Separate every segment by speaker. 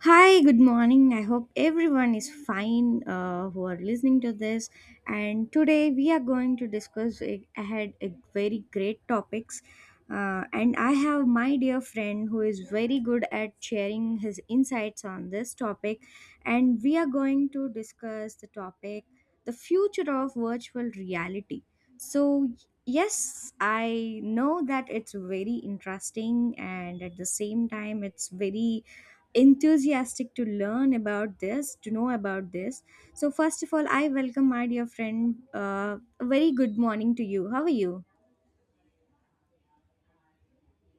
Speaker 1: Hi, good morning. I hope everyone is fine, who are listening to this. And today we are going to discuss ahead a very great topics. And I have my dear friend who is very good at sharing his insights on this topic. And we are going to discuss the topic, the future of virtual reality. So, yes, I know that it's very interesting and at the same time, it's very enthusiastic to learn about this, to know about this. So first of all, I welcome my dear friend. A very good morning to you. How are you?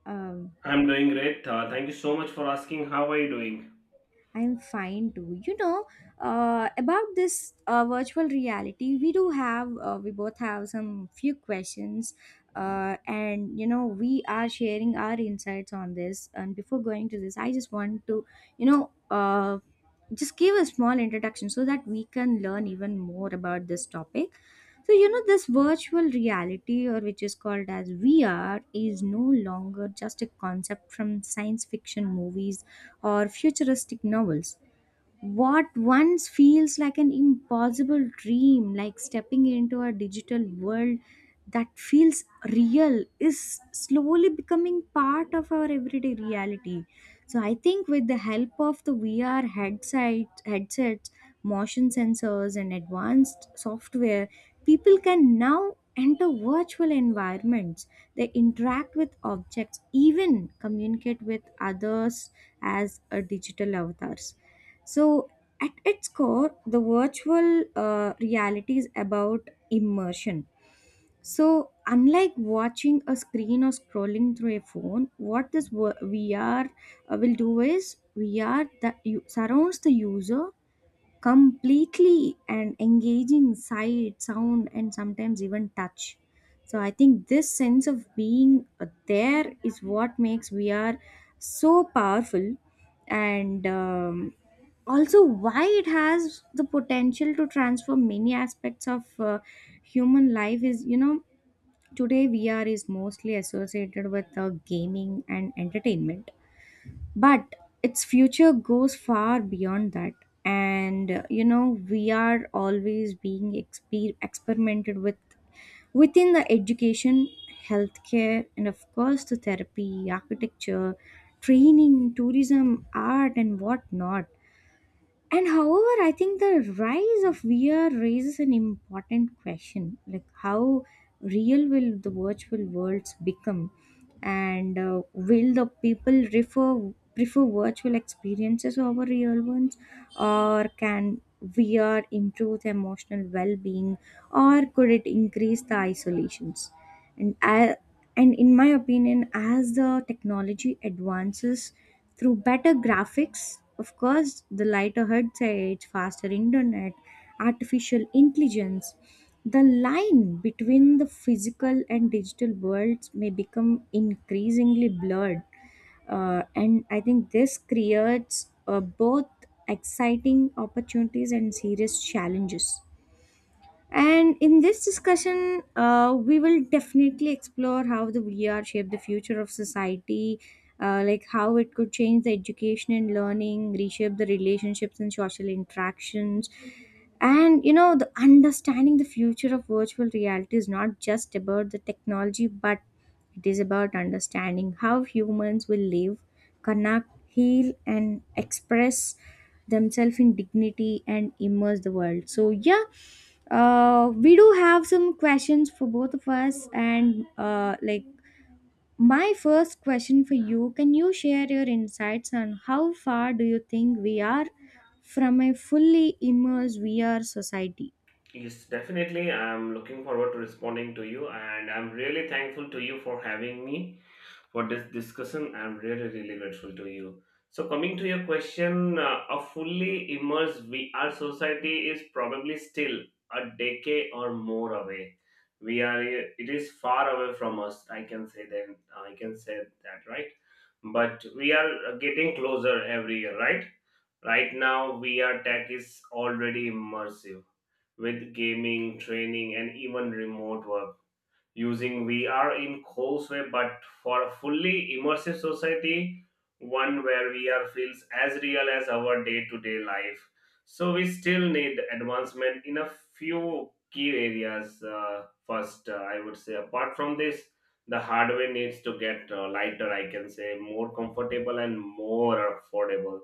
Speaker 1: Um,
Speaker 2: I'm doing great. Thank you so much for asking. How are you doing?
Speaker 1: I'm fine too. You know, about this virtual reality, we do have, we both have some few questions, and we are sharing our insights on this. And before going to this, I just want to, you know, uh, just give a small introduction so that we can learn even more about this topic. So, you know, this virtual reality, or which is called as VR, is no longer just a concept from science fiction movies or futuristic novels. What once feels like an impossible dream, like stepping into a digital world that feels real, is slowly becoming part of our everyday reality. So I think with the help of the headsets, motion sensors, and advanced software, people can now enter virtual environments. They interact with objects, even communicate with others as a digital avatars. So, at its core, the virtual reality is about immersion. So, unlike watching a screen or scrolling through a phone, what VR will do is VR that you, surrounds the user completely, and engaging sight, sound, and sometimes even touch. So I think this sense of being there is what makes we are so powerful. And also why it has the potential to transform many aspects of human life is, you know, today VR is mostly associated with gaming and entertainment, but its future goes far beyond that. And you know, we are always being experimented with within the education, healthcare, and of course the therapy, architecture, training, tourism, art, and whatnot. And however, I think the rise of VR raises an important question, like how real will the virtual worlds become? And will the people prefer virtual experiences over real ones? Or can VR improve the emotional well being? Or could it increase the isolations? And I, and in my opinion, as the technology advances through better graphics, of course, the lighter headsets, faster internet, artificial intelligence, the line between the physical and digital worlds may become increasingly blurred. And I think this creates both exciting opportunities and serious challenges. And in this discussion, we will definitely explore how the VR shaped the future of society, like how it could change the education and learning, reshape the relationships and social interactions. And you know, the understanding the future of virtual reality is not just about the technology, but it is about understanding how humans will live, connect, heal, and express themselves in dignity and immerse the world. So yeah, we do have some questions for both of us, and like my first question for you: can you share your insights on how far do you think we are from a fully immersed VR society?
Speaker 2: Yes, definitely. I'm looking forward to responding to you, and I'm really thankful to you for having me for this discussion. I'm really, really grateful to you. So, coming to your question, a fully immersed VR society is probably still a decade or more away. We are it is far away from us. I can say that. I can say that, right? But we are getting closer every year, right? Right now, VR tech is already immersive with gaming, training, and even remote work using VR in coarse way, but for a fully immersive society, one where VR feels as real as our day-to-day life. So we still need advancement in a few key areas. First, I would say, apart from this, the hardware needs to get lighter. I can say more comfortable and more affordable.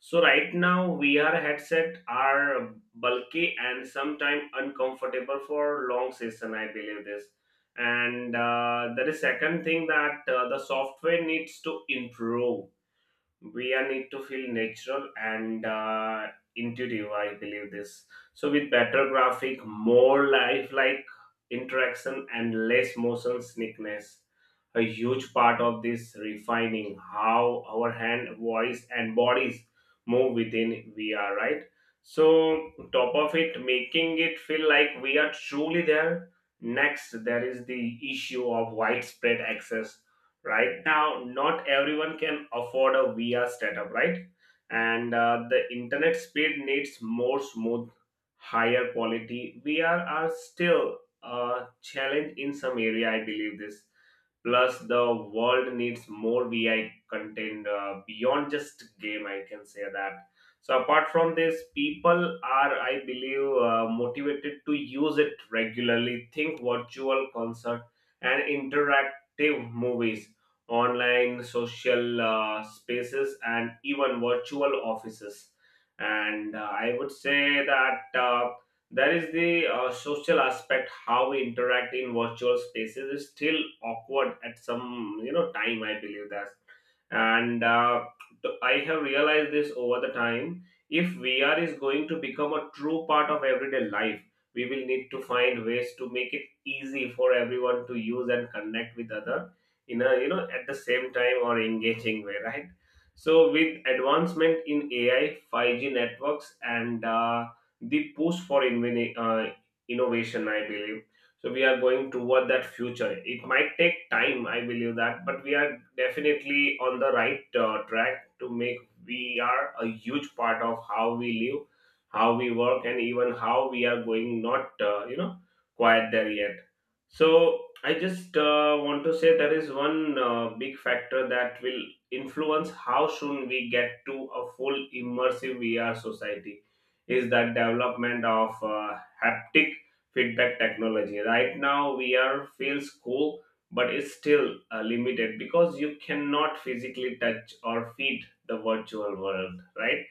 Speaker 2: So right now, VR headset are bulky and sometimes uncomfortable for long session. I believe this. And There is second thing that the software needs to improve. We need to feel natural and intuitive, I believe this. So with better graphic, more lifelike interaction and less motion sickness, a huge part of this refining how our hand, voice and bodies move within VR, right? So top of it, making it feel like we are truly there. Next, there is the issue of widespread access. Right now, not everyone can afford a VR setup, right? and The internet speed needs more smooth, higher quality VR are still a challenge in some area, I believe this. Plus the world needs more vi content beyond just game, I can say that. So apart from this, people are, I believe, motivated to use it regularly. Think virtual concert and interactive movies, online social spaces and even virtual offices. And I would say that there is the social aspect. How we interact in virtual spaces is still awkward at some, you know, time, I believe that. and uh, I have realized this over the time. If VR is going to become a true part of everyday life, we will need to find ways to make it easy for everyone to use and connect with other in a, you know, at the same time or engaging way, right? So with advancement in AI, 5G networks and the push for innovation, I believe. So we are going toward that future. It might take time, I believe that, but we are definitely on the right track to make we are a huge part of how we live, how we work and even how we are going, not you know, quiet there yet. So I just want to say there is one big factor that will influence how soon we get to a full immersive VR society is that development of haptic feedback technology. Right now, VR feels cool, but it's still limited because you cannot physically touch or feed the virtual world, right?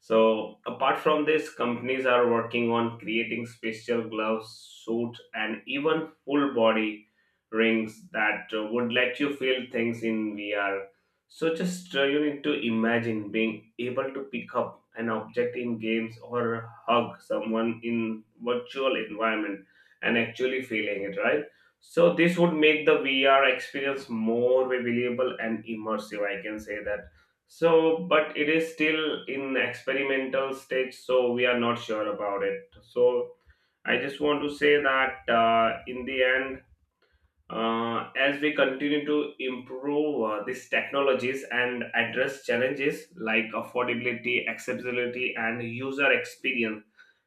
Speaker 2: So, apart from this, companies are working on creating special gloves, suit, and even full body rings that would let you feel things in VR. So, just you need to imagine being able to pick up an object in games or hug someone in virtual environment and actually feeling it, right? So, this would make the VR experience more believable and immersive. I can say that. So, but it is still in experimental stage, so we are not sure about it. So, I just want to say that, in the end, as we continue to improve these technologies and address challenges like affordability, accessibility, and user experience,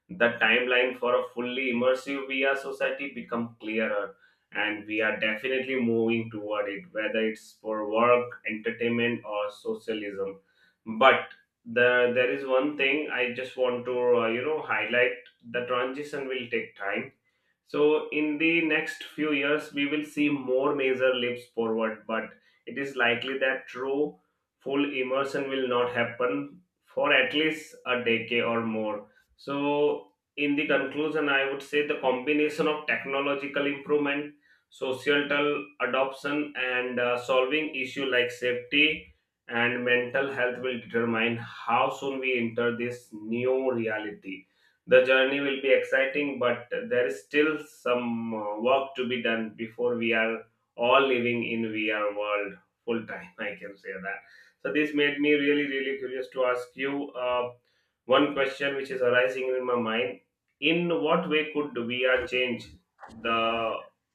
Speaker 2: the timeline for a fully immersive VR society become clearer, and we are definitely moving toward it, whether it's for work, entertainment or socialism. But there is one thing I just want to, you know, highlight. The transition will take time. So in the next few years, we will see more major leaps forward, but it is likely that true full immersion will not happen for at least a decade or more. So, in the conclusion, I would say the combination of technological improvement, societal adoption, and solving issue like safety and mental health will determine how soon we enter this new reality. The journey will be exciting, but there is still some work to be done before we are all living in VR world full time. I can say that. So this made me really, really curious to ask you. One question which is arising in my mind: in what way could VR change the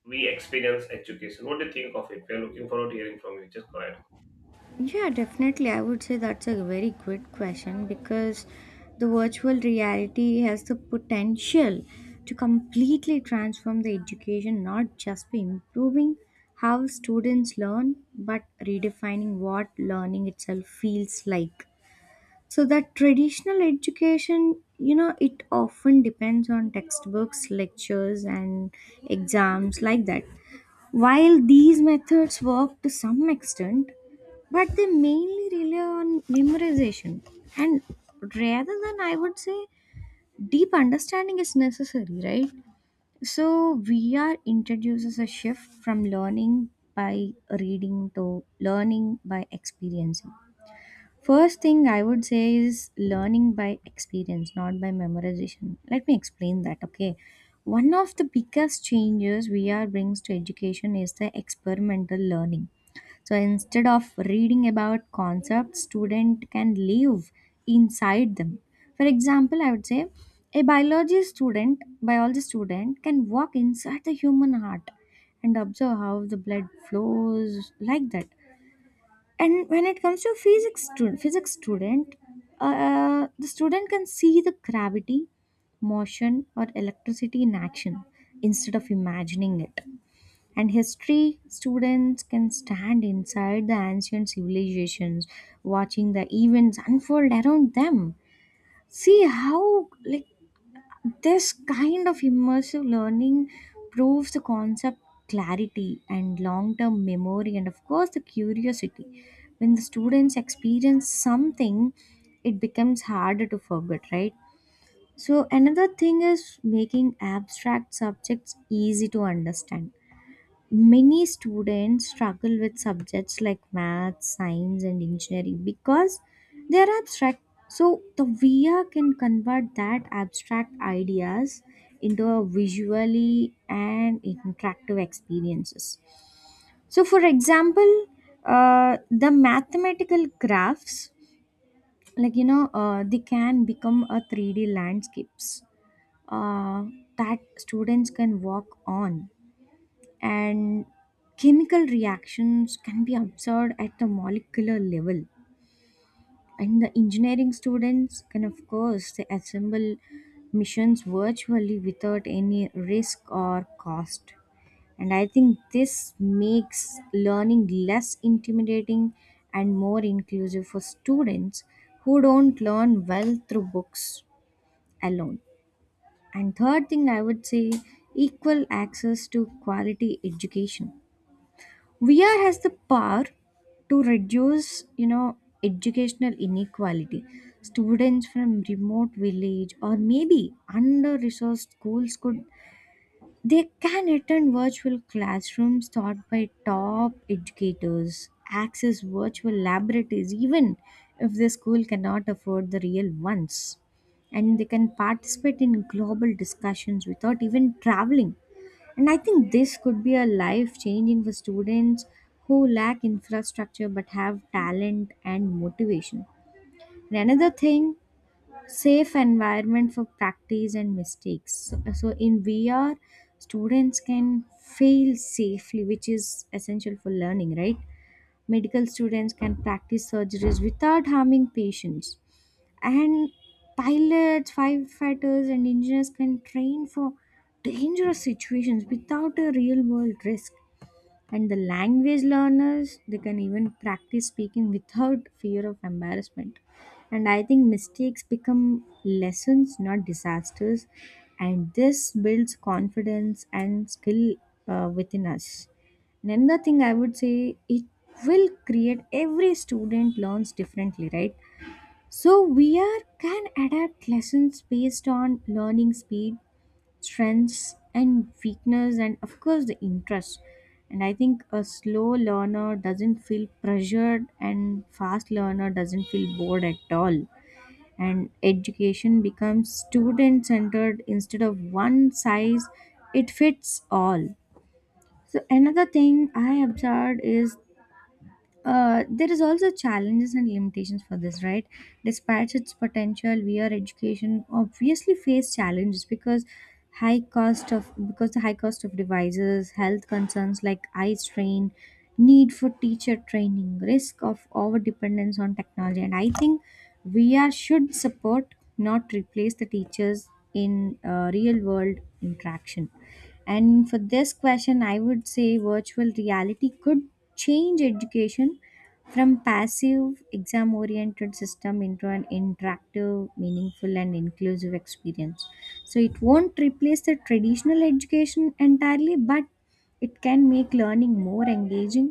Speaker 2: we experience education? What do you think of it? We are looking forward to hearing from you. Just go ahead.
Speaker 1: Yeah, definitely. I would say that's a very good question, because the virtual reality has the potential to completely transform the education, not just by improving how students learn, but redefining what learning itself feels like. So that traditional education, you know, it often depends on textbooks, lectures, and exams like that. While these methods work to some extent, but they mainly rely on memorization. And rather than, I would say, deep understanding is necessary, right? So, VR introduces a shift from learning by reading to learning by experiencing. First thing I would say is learning by experience, not by memorization. Let me explain that, okay? One of the biggest changes VR brings to education is the experimental learning. So instead of reading about concepts, student can live inside them. For example, I would say a biology student can walk inside the human heart and observe how the blood flows like that. And when it comes to physics student, the student can see the gravity, motion, or electricity in action instead of imagining it. And history students can stand inside the ancient civilizations, watching the events unfold around them. See how, like, this kind of immersive learning proves the concept clarity and long term memory, and of course, the curiosity. When the students experience something, it becomes harder to forget, right? So, another thing is making abstract subjects easy to understand. Many students struggle with subjects like math, science, and engineering because they are abstract. So the VR can convert that abstract ideas into a visually and interactive experiences. So for example, the mathematical graphs, like you know, they can become a 3D landscapes uh, that students can walk on. And chemical reactions can be observed at the molecular level. And the engineering students can, of course, they assemble missions virtually without any risk or cost. And I think this makes learning less intimidating and more inclusive for students who don't learn well through books alone. And third thing, I would say, equal access to quality education. VR has the power to reduce, you know, educational inequality. Students from remote village or maybe under-resourced schools could, they can attend virtual classrooms taught by top educators, access virtual laboratories, even if the school cannot afford the real ones. And they can participate in global discussions without even traveling. And I think this could be a life changing for students who lack infrastructure but have talent and motivation. And another thing, safe environment for practice and mistakes. So in VR, students can fail safely, which is essential for learning, right? Medical students can practice surgeries without harming patients. And pilots, firefighters, and engineers can train for dangerous situations without a real world risk. And the language learners, they can even practice speaking without fear of embarrassment. And I think mistakes become lessons, not disasters. And this builds confidence and skill within us. And another thing I would say, it will create, every student learns differently, right? So we are can adapt lessons based on learning speed, strengths, and weakness, and of course, the interest. And I think a slow learner doesn't feel pressured and fast learner doesn't feel bored at all. And education becomes student centered instead of one size it fits all. So another thing I observed is, there is also challenges and limitations for this, right? Despite its potential, VR education obviously face challenges because high cost of devices, health concerns like eye strain, need for teacher training, risk of over dependence on technology. And I think VR should support, not replace the teachers in real world interaction. And for this question, I would say virtual reality could change education from passive exam oriented system into an interactive, meaningful, and inclusive experience. So it won't replace the traditional education entirely, but it can make learning more engaging,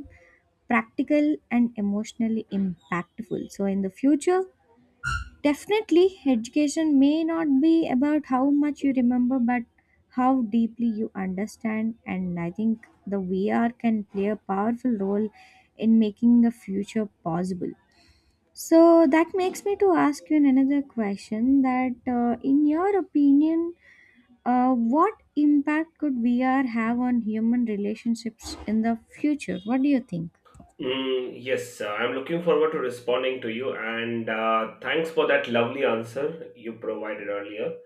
Speaker 1: practical, and emotionally impactful. So in the future, definitely, education may not be about how much you remember, but how deeply you understand. And I think the VR can play a powerful role in making the future possible. So that makes me to ask you another question, that in your opinion, what impact could VR have on human relationships in the future? What do you think?
Speaker 2: Mm, yes, I'm looking forward to responding to you, and thanks for that lovely answer you provided earlier.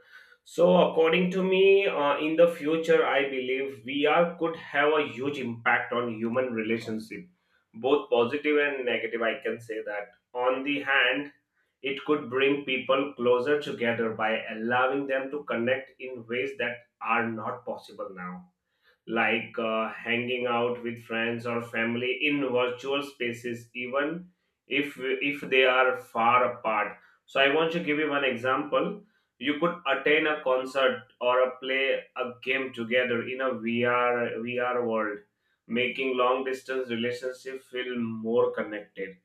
Speaker 2: So, according to me, in the future, I believe VR could have a huge impact on human relationship, both positive and negative. I can say that. On the hand, it could bring people closer together by allowing them to connect in ways that are not possible now, like hanging out with friends or family in virtual spaces, even if they are far apart. So I want to give you one example. You could attend a concert or a play a game together in a VR world, making long distance relationship feel more connected.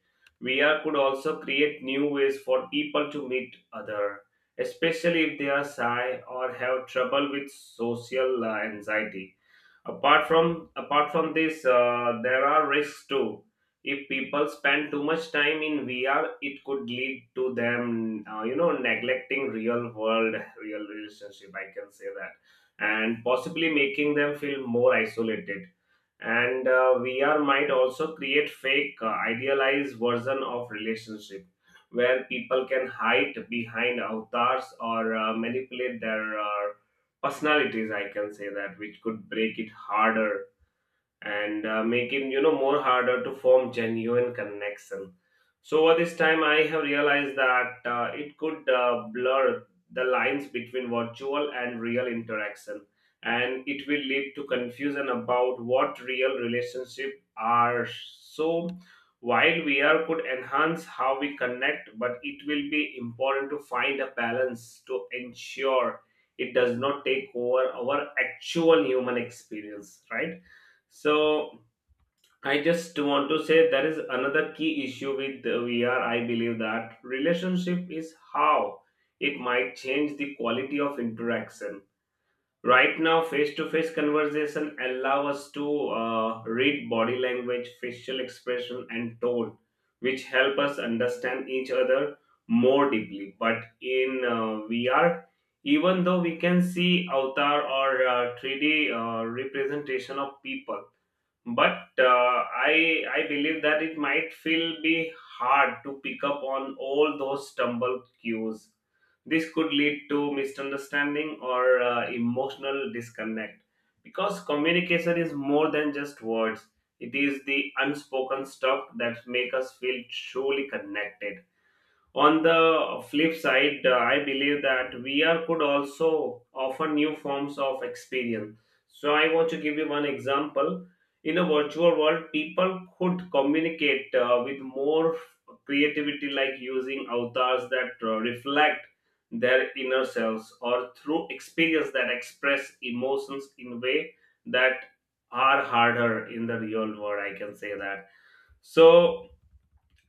Speaker 2: VR could also create new ways for people to meet other, especially if they are shy or have trouble with social anxiety. Apart from this, there are risks too. If people spend too much time in VR, it could lead to them, you know, neglecting real world real relationship, I can say that, and possibly making them feel more isolated. And VR might also create fake idealized version of relationship where people can hide behind avatars or manipulate their personalities, I can say that, which could break it harder and making, you know, more harder to form genuine connection. So over this time I have realized that it could blur the lines between virtual and real interaction, and it will lead to confusion about what real relationship are. So while VR could enhance how we connect, but it will be important to find a balance to ensure it does not take over our actual human experience, right? So I just want to say there is another key issue with the VR. I believe that relationship is how it might change the quality of interaction. Right now, face-to-face conversation allow us to read body language, facial expression, and tone, which help us understand each other more deeply. But in VR, even though we can see avatar or 3D representation of people, but I believe that it might feel be hard to pick up on all those stumble cues. This could lead to misunderstanding or emotional disconnect, because communication is more than just words. It is the unspoken stuff that make us feel truly connected. On the flip side, I believe that VR could also offer new forms of experience. So, I want to give you one example. In a virtual world, people could communicate with more creativity, like using avatars that reflect their inner selves or through experience that express emotions in way that are harder in the real world. I can say that. So,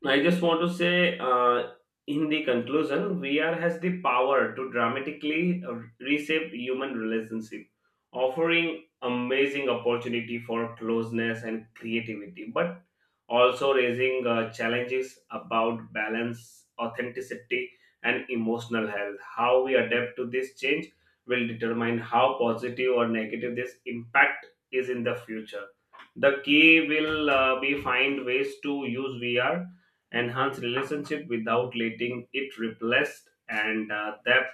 Speaker 2: I just want to say, in the conclusion, VR has the power to dramatically reshape human relationship, offering amazing opportunity for closeness and creativity, but also raising challenges about balance, authenticity, and emotional health. How we adapt to this change will determine how positive or negative this impact is in the future. The key will be find ways to use VR enhance relationship without letting it replace and depth,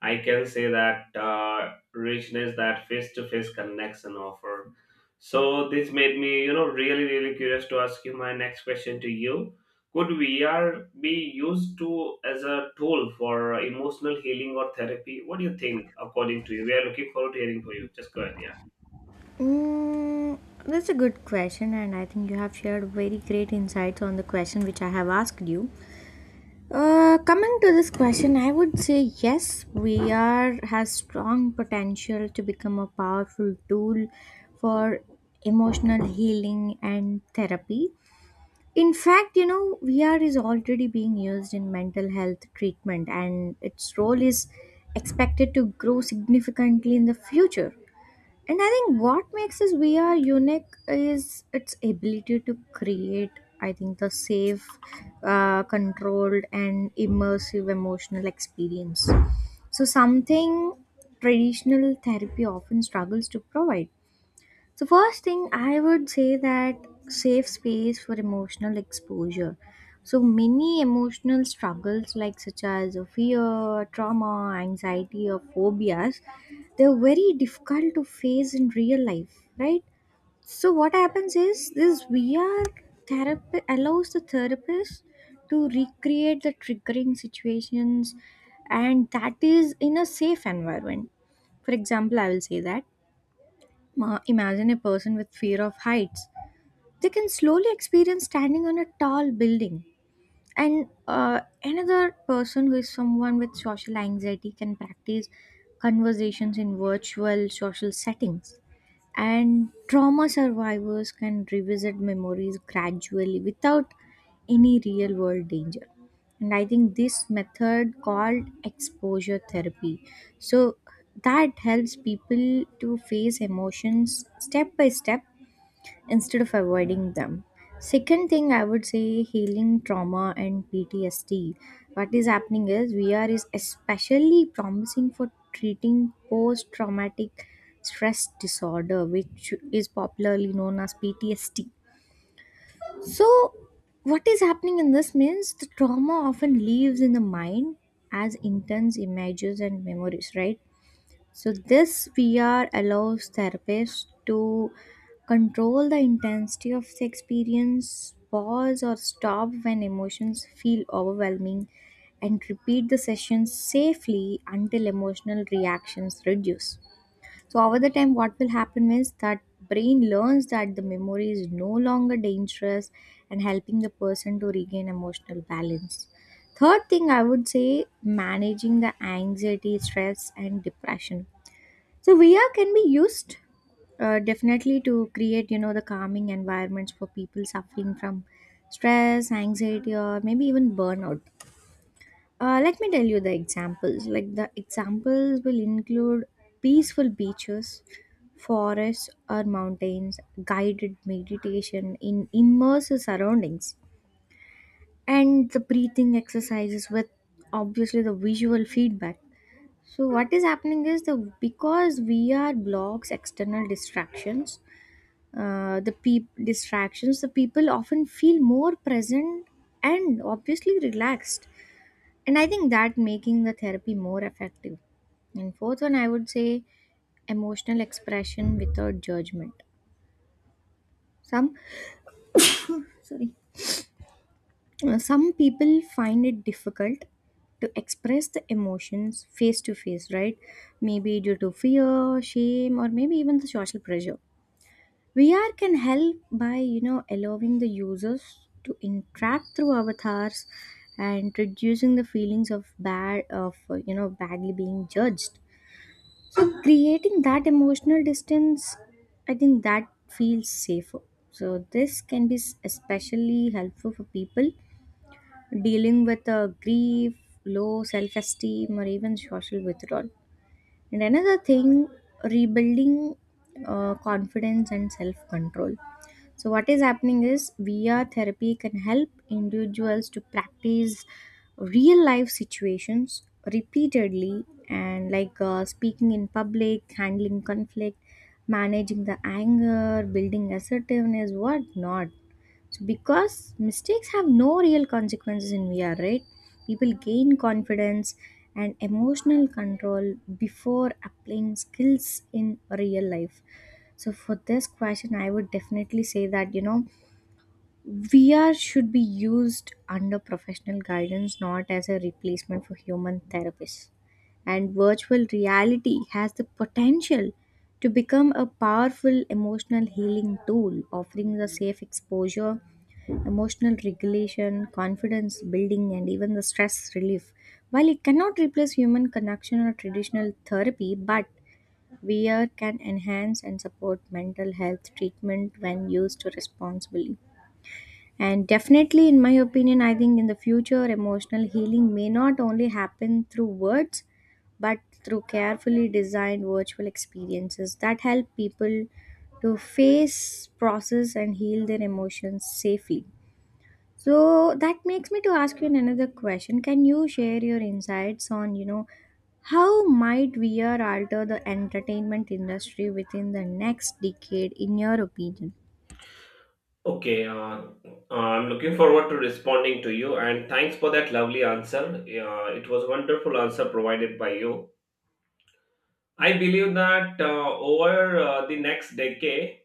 Speaker 2: I can say that, richness that face-to-face connection offer. So this made me, you know, really, really curious to ask you my next question to you. Could VR be used to as a tool for emotional healing or therapy? What do you think according to you? We are looking forward to hearing from you. Just go ahead. Yeah.
Speaker 1: Mm, that's a good question, and I think you have shared very great insights on the question which I have asked you. Coming to this question, I would say yes, we are has strong potential to become a powerful tool for emotional healing and therapy. In fact, you know, VR is already being used in mental health treatment, and its role is expected to grow significantly in the future. And I think what makes this VR unique is its ability to create, I think, the safe, controlled, and immersive emotional experience. So, something traditional therapy often struggles to provide. So first thing I would say that safe space for emotional exposure. So many emotional struggles like such as a fear, trauma, anxiety, or phobias, they're very difficult to face in real life, right? So what happens is this VR therapy allows the therapist to recreate the triggering situations, and that is in a safe environment. For example, I will say that, imagine a person with fear of heights. They can slowly experience standing on a tall building and another person who is someone with social anxiety can practice conversations in virtual social settings, and trauma survivors can revisit memories gradually without any real world danger. And I think this method called exposure therapy, so that helps people to face emotions step by step instead of avoiding them. Second thing, I would say healing trauma and PTSD. What is happening is VR is especially promising for treating post traumatic stress disorder, which is popularly known as PTSD. So, what is happening in this means the trauma often lives in the mind as intense images and memories, right? So this VR allows therapists to control the intensity of the experience, pause or stop when emotions feel overwhelming, and repeat the sessions safely until emotional reactions reduce. So over the time, what will happen is that brain learns that the memory is no longer dangerous and helping the person to regain emotional balance. Third thing, I would say managing the anxiety, stress and depression. So VR can be used, definitely, to create, you know, the calming environments for people suffering from stress, anxiety, or maybe even burnout. Let me tell you the examples. Like, the examples will include peaceful beaches, forests or mountains, guided meditation in immersive surroundings, and the breathing exercises with obviously the visual feedback. So what is happening is the because VR blocks external distractions, the peop distractions, the people often feel more present and obviously relaxed. And I think that making the therapy more effective. And fourth one, I would say emotional expression without judgment. Some sorry, some people find it difficult to express the emotions face to face, right? Maybe due to fear, shame, or maybe even the social pressure. VR can help by, you know, allowing the users to interact through avatars and reducing the feelings of bad of you know, badly being judged. So creating that emotional distance, I think that feels safer. So this can be especially helpful for people dealing with grief, low self-esteem, or even social withdrawal. And another thing, rebuilding confidence and self-control. So, what is happening is VR therapy can help individuals to practice real life situations repeatedly, and like speaking in public, handling conflict, managing the anger, building assertiveness, what not. So because mistakes have no real consequences in VR, right? People gain confidence and emotional control before applying skills in real life. So for this question, I would definitely say that, you know, VR should be used under professional guidance, not as a replacement for human therapists. And virtual reality has the potential to become a powerful emotional healing tool, offering a safe exposure, emotional regulation, confidence building, and even the stress relief. While it cannot replace human connection or traditional therapy, but VR can enhance and support mental health treatment when used responsibly. And definitely, in my opinion, I think in the future, emotional healing may not only happen through words but through carefully designed virtual experiences that help people to face, process, and heal their emotions safely. So that makes me to ask you another question. Can you share your insights on, you know, how might VR alter the entertainment industry within the next decade in your opinion?
Speaker 2: Okay, I'm looking forward to responding to you and thanks for that lovely answer. It was a wonderful answer provided by you. I believe that over the next decade,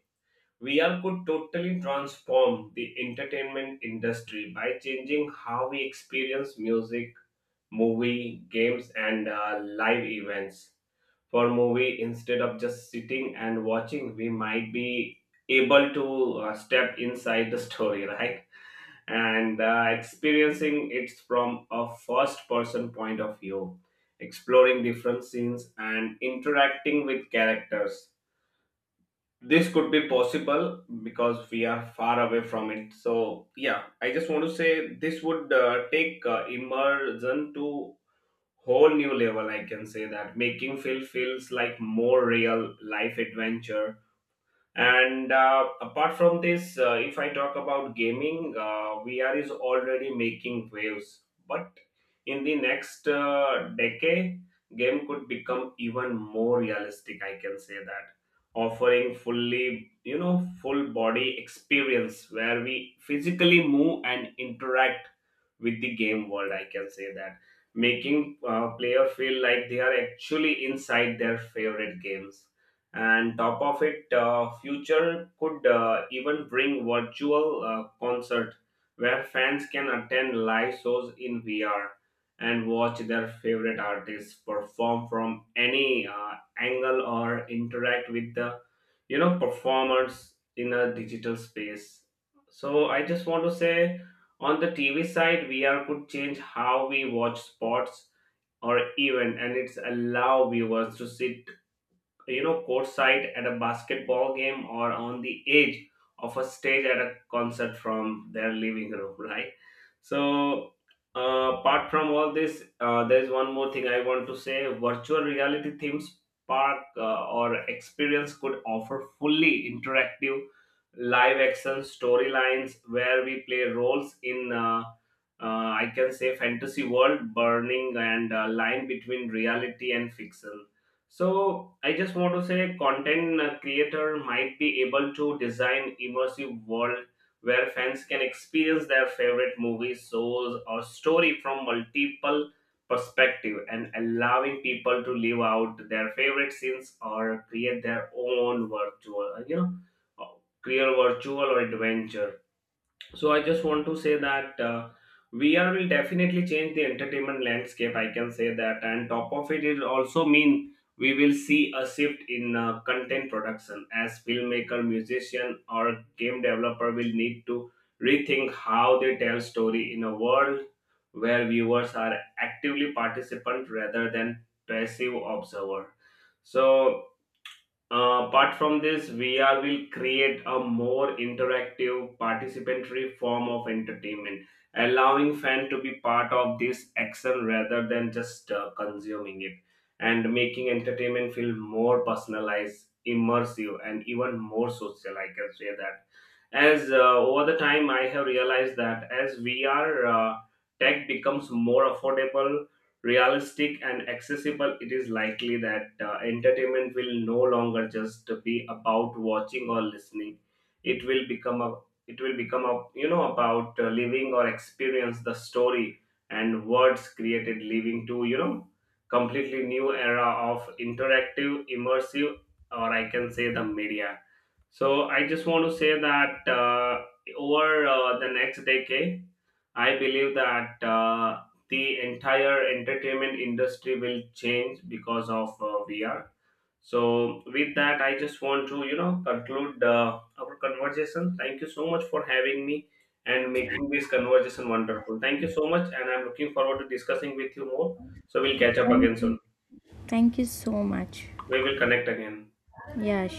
Speaker 2: VR could totally transform the entertainment industry by changing how we experience music, movie, games, and live events. For movie, instead of just sitting and watching, we might be able to step inside the story, right? And experiencing it from a first person point of view, exploring different scenes and interacting with characters. This could be possible because we are far away from it. So, yeah, I just want to say this would take immersion to whole new level. I can say that, making feel feels like more real life adventure. And apart from this, if I talk about gaming, VR is already making waves. But in the next decade, game could become even more realistic. I can say that, offering fully, full body experience where we physically move and interact with the game world. I can say that, making player feel like they are actually inside their favorite games, and top of it, future could even bring virtual concert where fans can attend live shows in VR, and watch their favorite artists perform from any angle, or interact with the performers in a digital space. So I just want to say, on the TV side, VR could change how we watch sports, or even, and it's allow viewers to sit, courtside at a basketball game or on the edge of a stage at a concert from their living room, right? So, apart from all this, there is one more thing I want to say. Virtual reality themes park, or experience could offer fully interactive live action storylines where we play roles in I can say fantasy world burning and line between reality and fiction. So I just want to say, content creator might be able to design immersive world where fans can experience their favorite movies, shows or story from multiple perspective, and allowing people to live out their favorite scenes or create their own virtual, uh, create virtual or adventure. So I just want to say that, VR will definitely change the entertainment landscape. I can say that, and top of it, it also mean we will see a shift in content production, as filmmaker, musician, or game developer will need to rethink how they tell story in a world where viewers are actively participant rather than passive observer. So, apart from this, VR will create a more interactive, participatory form of entertainment, allowing fans to be part of this action rather than just consuming it, and making entertainment feel more personalized, immersive, and even more social. I can say that. As, over the time, I have realized that as VR, tech becomes more affordable, realistic and accessible, it is likely that entertainment will no longer just be about watching or listening. It will become a it will become a, about living or experience the story and words created, leading to, completely new era of interactive immersive, or I can say, the media. So I just want to say that, over the next decade, I believe that, the entire entertainment industry will change because of VR. So, with that, I just want to, conclude our conversation. Thank you so much for having me and making this conversation wonderful. Thank you so much, and I'm looking forward to discussing with you more. So, we'll catch up
Speaker 1: Thank
Speaker 2: again
Speaker 1: you.
Speaker 2: soon.
Speaker 1: Thank you so much.
Speaker 2: We will connect again.
Speaker 1: Yeah, sure.